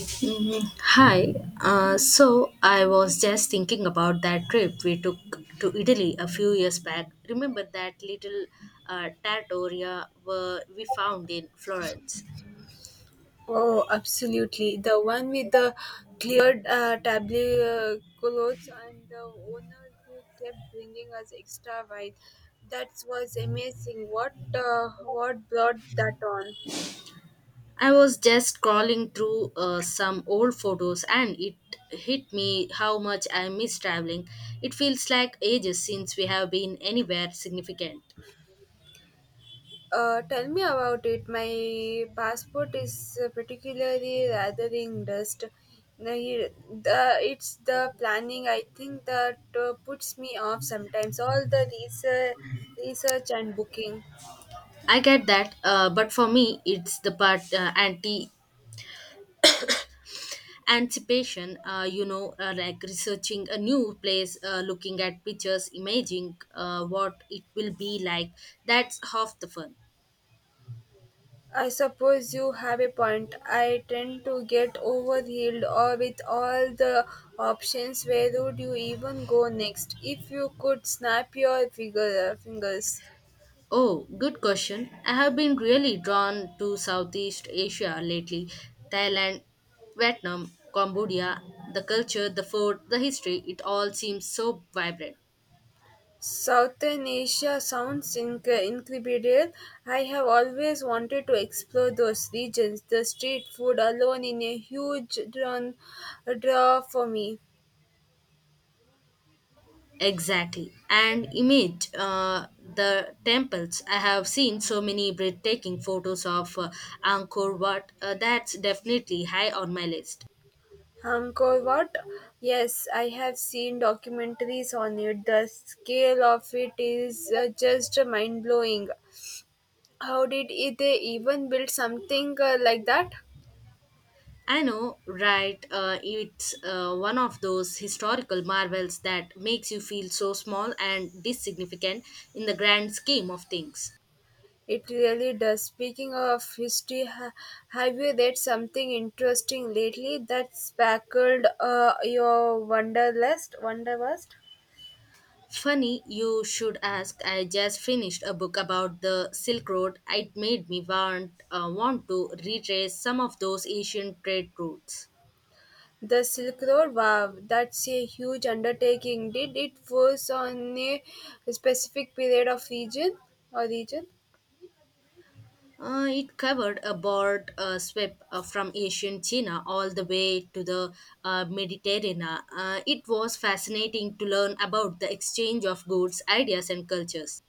Mhm. Hi. So I was just thinking about that trip we took to Italy a few years back. Remember that little trattoria where we found in Florence? Oh, absolutely. The one with the cleared tableau clothes and the owner who kept bringing us extra wine. That was amazing. What what brought that on? I was just scrolling through some old photos and it hit me how much I miss traveling. It feels like ages since we have been anywhere significant. Tell me about it. My passport is particularly rathering dust. Now, it's the planning, I think, that puts me off sometimes. All the research and booking. I get that, but for me, it's the part anticipation, you know, like researching a new place, looking at pictures imaging what it will be like. That's half the fun. I suppose you have a point. I tend to get overwhelmed or with all the options. Where would you even go next? If you could snap your fingers. Oh, good question. I have been really drawn to Southeast Asia lately. Thailand, Vietnam, Cambodia. The culture, the food, the history, it all seems so vibrant. Southern Asia sounds incredible. I have always wanted to explore those regions. The street food alone in a huge draw for me. Exactly. And image the temples. I have seen so many breathtaking photos of Angkor Wat. That's definitely high on my list. Angkor Wat? Yes, I have seen documentaries on it. The scale of it is just mind blowing. How did they even build something like that? I know, right? It's one of those historical marvels that makes you feel so small and insignificant in the grand scheme of things. It really does. Speaking of history, have you read something interesting lately that sparkled your wanderlust? Wanderlust? Funny, you should ask. I just finished a book about the Silk Road. It made me want to retrace some of those ancient trade routes. The Silk Road, wow, that's a huge undertaking. Did it focus on a specific period of region or region? It covered a broad sweep, from ancient China all the way to the Mediterranean. It was fascinating to learn about the exchange of goods, ideas, and cultures.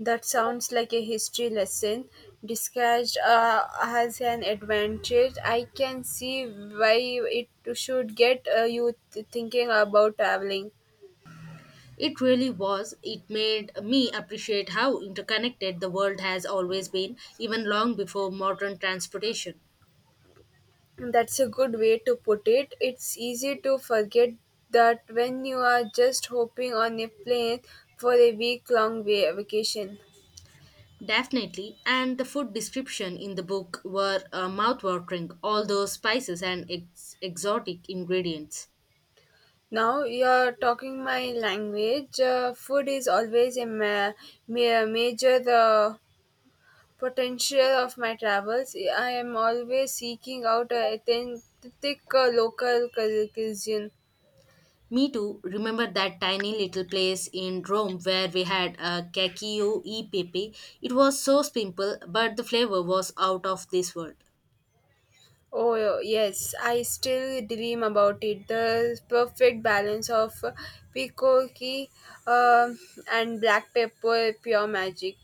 That sounds like a history lesson disguised as an advantage. I can see why it should get you thinking about traveling. It really was. It made me appreciate how interconnected the world has always been, even long before modern transportation. That's a good way to put it. It's easy to forget that when you are just hopping on a plane for a week long vacation. Definitely, and the food description in the book were mouth-watering, all those spices and exotic ingredients. Now you're talking my language. Food is always a major the potential of my travels. I am always seeking out a authentic local cuisine. Me too. Remember that tiny little place in Rome where we had a cacio e pepe? It was so simple, but the flavor was out of this world. Oh yes, I still dream about it. The perfect balance of picoque uh, and black pepper, pure magic.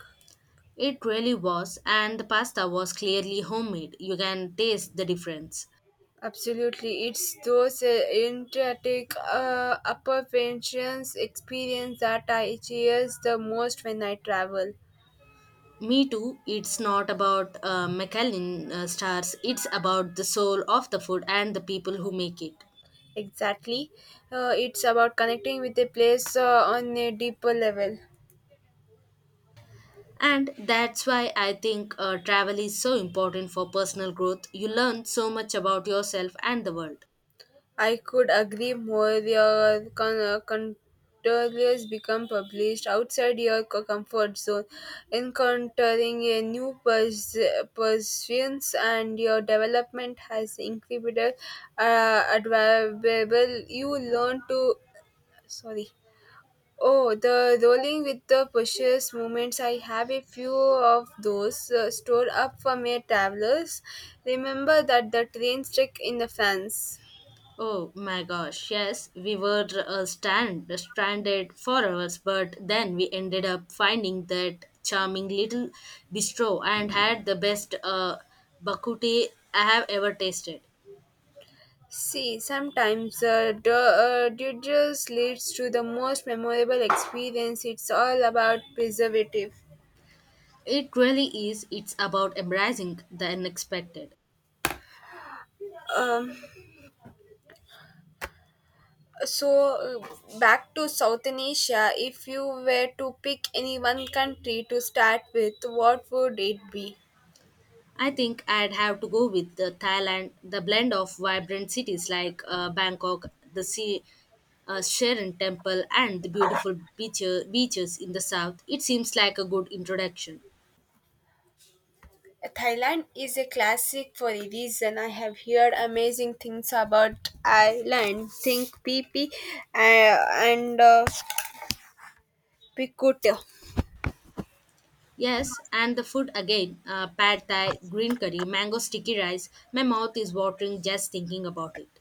It really was, and the pasta was clearly homemade. You can taste the difference. Absolutely, it's those intricate upper pensions experience that I cherish the most when I travel. Me too. It's not about Michelin stars. It's about the soul of the food and the people who make it. Exactly, it's about connecting with a place on a deeper level. And that's why I think travel is so important for personal growth. You learn so much about yourself and the world. I could agree more. Your contours become published outside your comfort zone, encountering a persuasions, and your development has incredible, admirable. You learn to sorry. Oh, the rolling with the precious moments. I have a few of those stored up for my travelers. Remember that the train trick in the France. Oh my gosh, yes, we were stranded for hours, but then we ended up finding that charming little bistro and had the best bakuti I have ever tasted. See, sometimes doodles leads to the most memorable experience. It's all about preservative. It really is, it's about embracing the unexpected. Um, so, back to Southern Asia, if you were to pick any one country to start with, what would it be? I think I'd have to go with the Thailand, the blend of vibrant cities like Bangkok, the sea, Sharon Temple, and the beautiful beaches in the south. It seems like a good introduction. Thailand is a classic for a reason. I have heard amazing things about Thailand. Think PP uh, and Pikuto. Yes, and the food again, pad thai, green curry, mango sticky rice. My mouth is watering just thinking about it.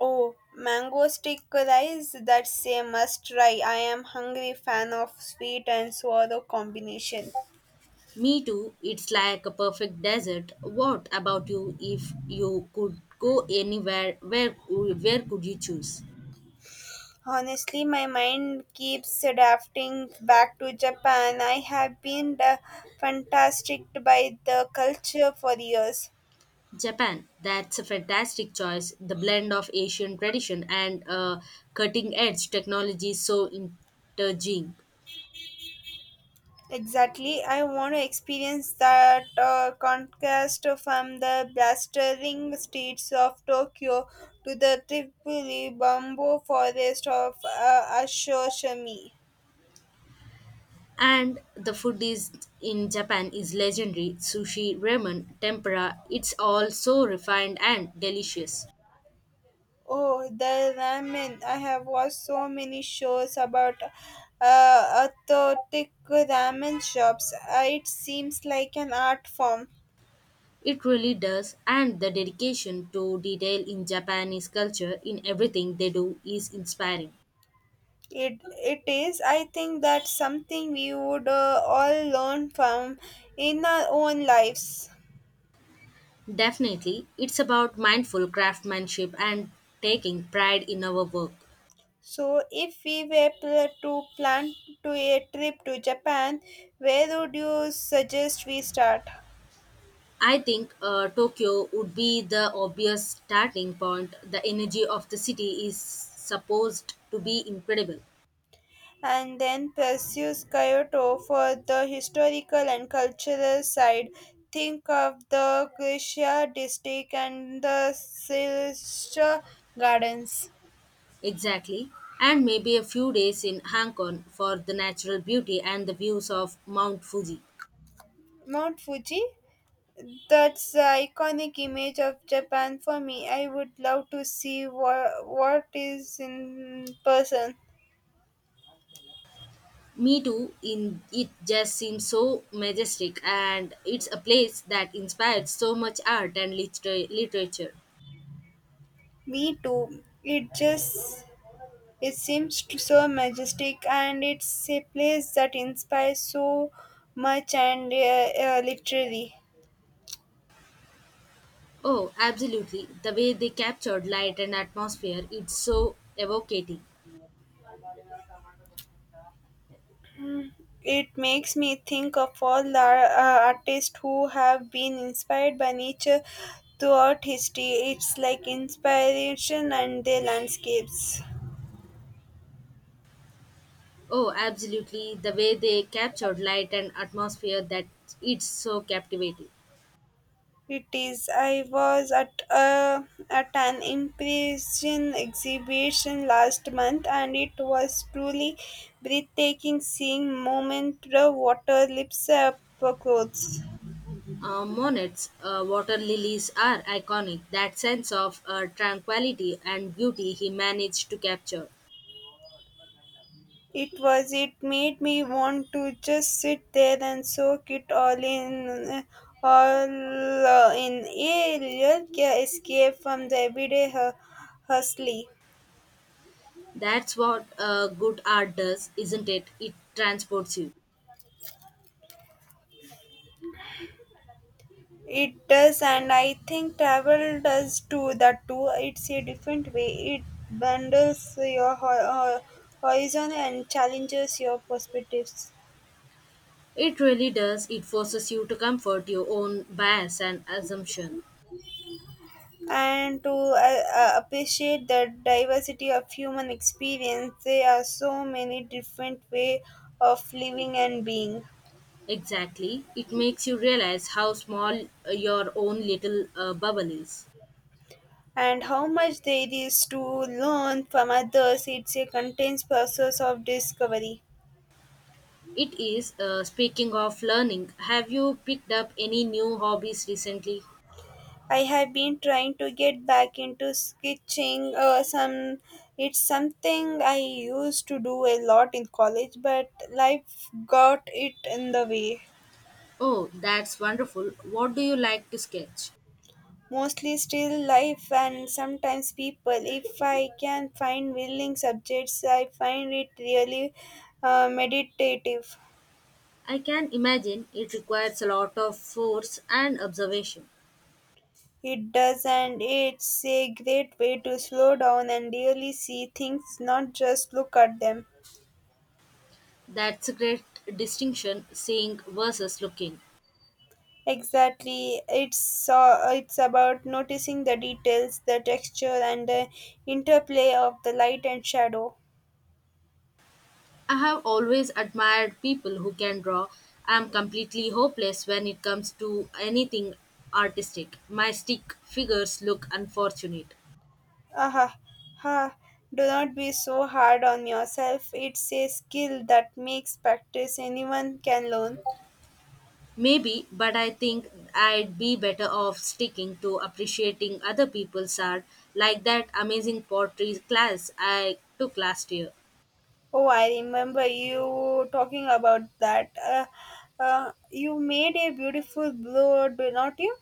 Oh, mango stick rice? That's a must try. I am hungry fan of sweet and sour combination. Me too, it's like a perfect desert. What about you? If you could go anywhere, where could you choose? Honestly, my mind keeps drafting back to Japan. I have been fantastic by the culture for years. Japan, that's a fantastic choice. The blend of Asian tradition and cutting edge technology is so intriguing. Exactly, I want to experience that contrast from the blistering streets of Tokyo to the Tripoli bamboo forest of Ashoshimi. And the food is in Japan is legendary. Sushi, ramen, tempura, it's all so refined and delicious. Oh, the ramen. I have watched so many shows about authentic ramen shops. It seems like an art form. It really does, and the dedication to detail in Japanese culture in everything they do is inspiring. It it is. I think that's something we would all learn from in our own lives. Definitely, it's about mindful craftsmanship and taking pride in our work. So, if we were to plan to a trip to Japan, where would you suggest we start? I think Tokyo would be the obvious starting point. The energy of the city is supposed to be incredible. And then pursues Kyoto for the historical and cultural side. Think of the Kushia district and the Silsha Gardens. Exactly. And maybe a few days in Hong Kong for the natural beauty and the views of Mount Fuji. Mount Fuji? That's the iconic image of Japan for me. I would love to see what is in person. Me too, in it just seems so majestic and it's a place that inspired so much art and literature. Me too. It just it seems to so majestic, and it's a place that inspires so much. And literally, Oh, absolutely. The way they captured light and atmosphere, it's so evocating. it makes me think of all the artists who have been inspired by nature throughout history. It's like inspiration and their landscapes. Oh, absolutely. The way they captured light and atmosphere that it's so captivating. It is. I was at a at an impression exhibition last month, and it was truly breathtaking seeing moment the water lips up clothes. Monnets, water lilies are iconic. That sense of tranquility and beauty he managed to capture. It was. It made me want to just sit there and soak it all in a real escape from the everyday hustle. That's what good art does, isn't it? It transports you. It does, and I think travel does too. That too, it's a different way. It bundles your horizon and challenges your perspectives. It really does. It forces you to comfort your own bias and assumption. And to appreciate the diversity of human experience, there are so many different way of living and being. Exactly. It makes you realize how small your own little bubble is. And how much there is to learn from others, it's a continuous process of discovery. It is. Speaking of learning, have you picked up any new hobbies recently? I have been trying to get back into sketching. Some it's something I used to do a lot in college, but life got it in the way. Oh, that's wonderful. What do you like to sketch? Mostly still life and sometimes people. If I can find willing subjects, I find it really meditative. I can imagine it requires a lot of force and observation. It does, and it's a great way to slow down and really see things, not just look at them. That's a great distinction, seeing versus looking. Exactly. It's about noticing the details, the texture, and the interplay of the light and shadow. I have always admired people who can draw. I'm completely hopeless when it comes to anything artistic. My stick figures look unfortunate. Aha, ha. Do not be so hard on yourself. It's a skill that makes practice. Anyone can learn. Maybe, but I think I'd be better off sticking to appreciating other people's art, like that amazing pottery class I took last year. Oh, I remember you talking about that. You made a beautiful blue, do not you?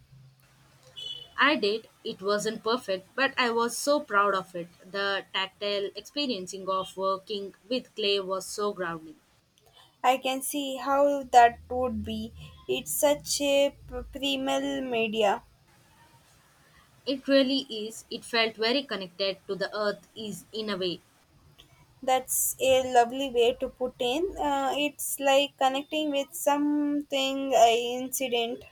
I did. It wasn't perfect, but I was so proud of it. The tactile experiencing of working with clay was so grounding. I can see how that would be. It's such a primal media. It really is. It felt very connected to the earth is in a way. That's a lovely way to put in. It's like connecting with something incident.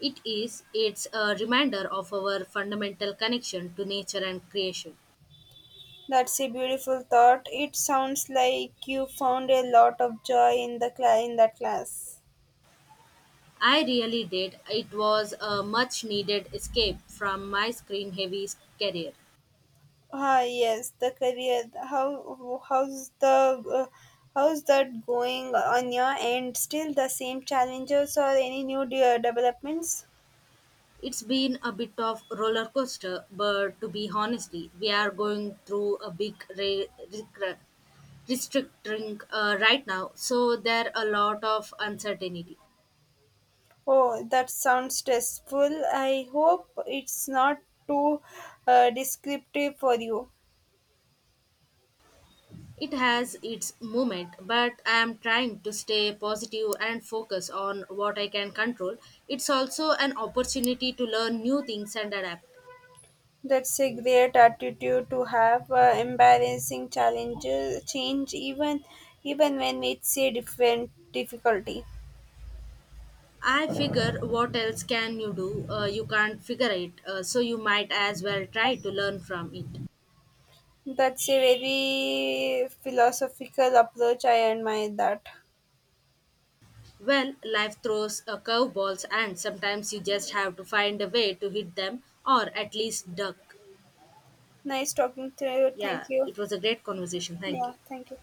It is. It's a reminder of our fundamental connection to nature and creation. That's a beautiful thought. It sounds like you found a lot of joy in the cla in that class. I really did. It was a much needed escape from my screen heavy career. Ah, yes, the career. How's the how's that going on your end? Still the same challenges or any new developments? It's been a bit of roller coaster, but to be honest, we are going through a big restricting right now, so there are a lot of uncertainty. Oh, that sounds stressful. I hope it's not too descriptive for you. It has its moment, but I am trying to stay positive and focus on what I can control. It's also an opportunity to learn new things and adapt. That's a great attitude to have. Embarrassing challenges change even when it's a different difficulty. I figure what else can you do? You can't figure it, so you might as well try to learn from it. That's a very philosophical approach. I admire that. Well, life throws curveballs, and sometimes you just have to find a way to hit them or at least duck. Nice talking to you. Yeah, Thank you. it was a great conversation. Thank Yeah, you. thank you.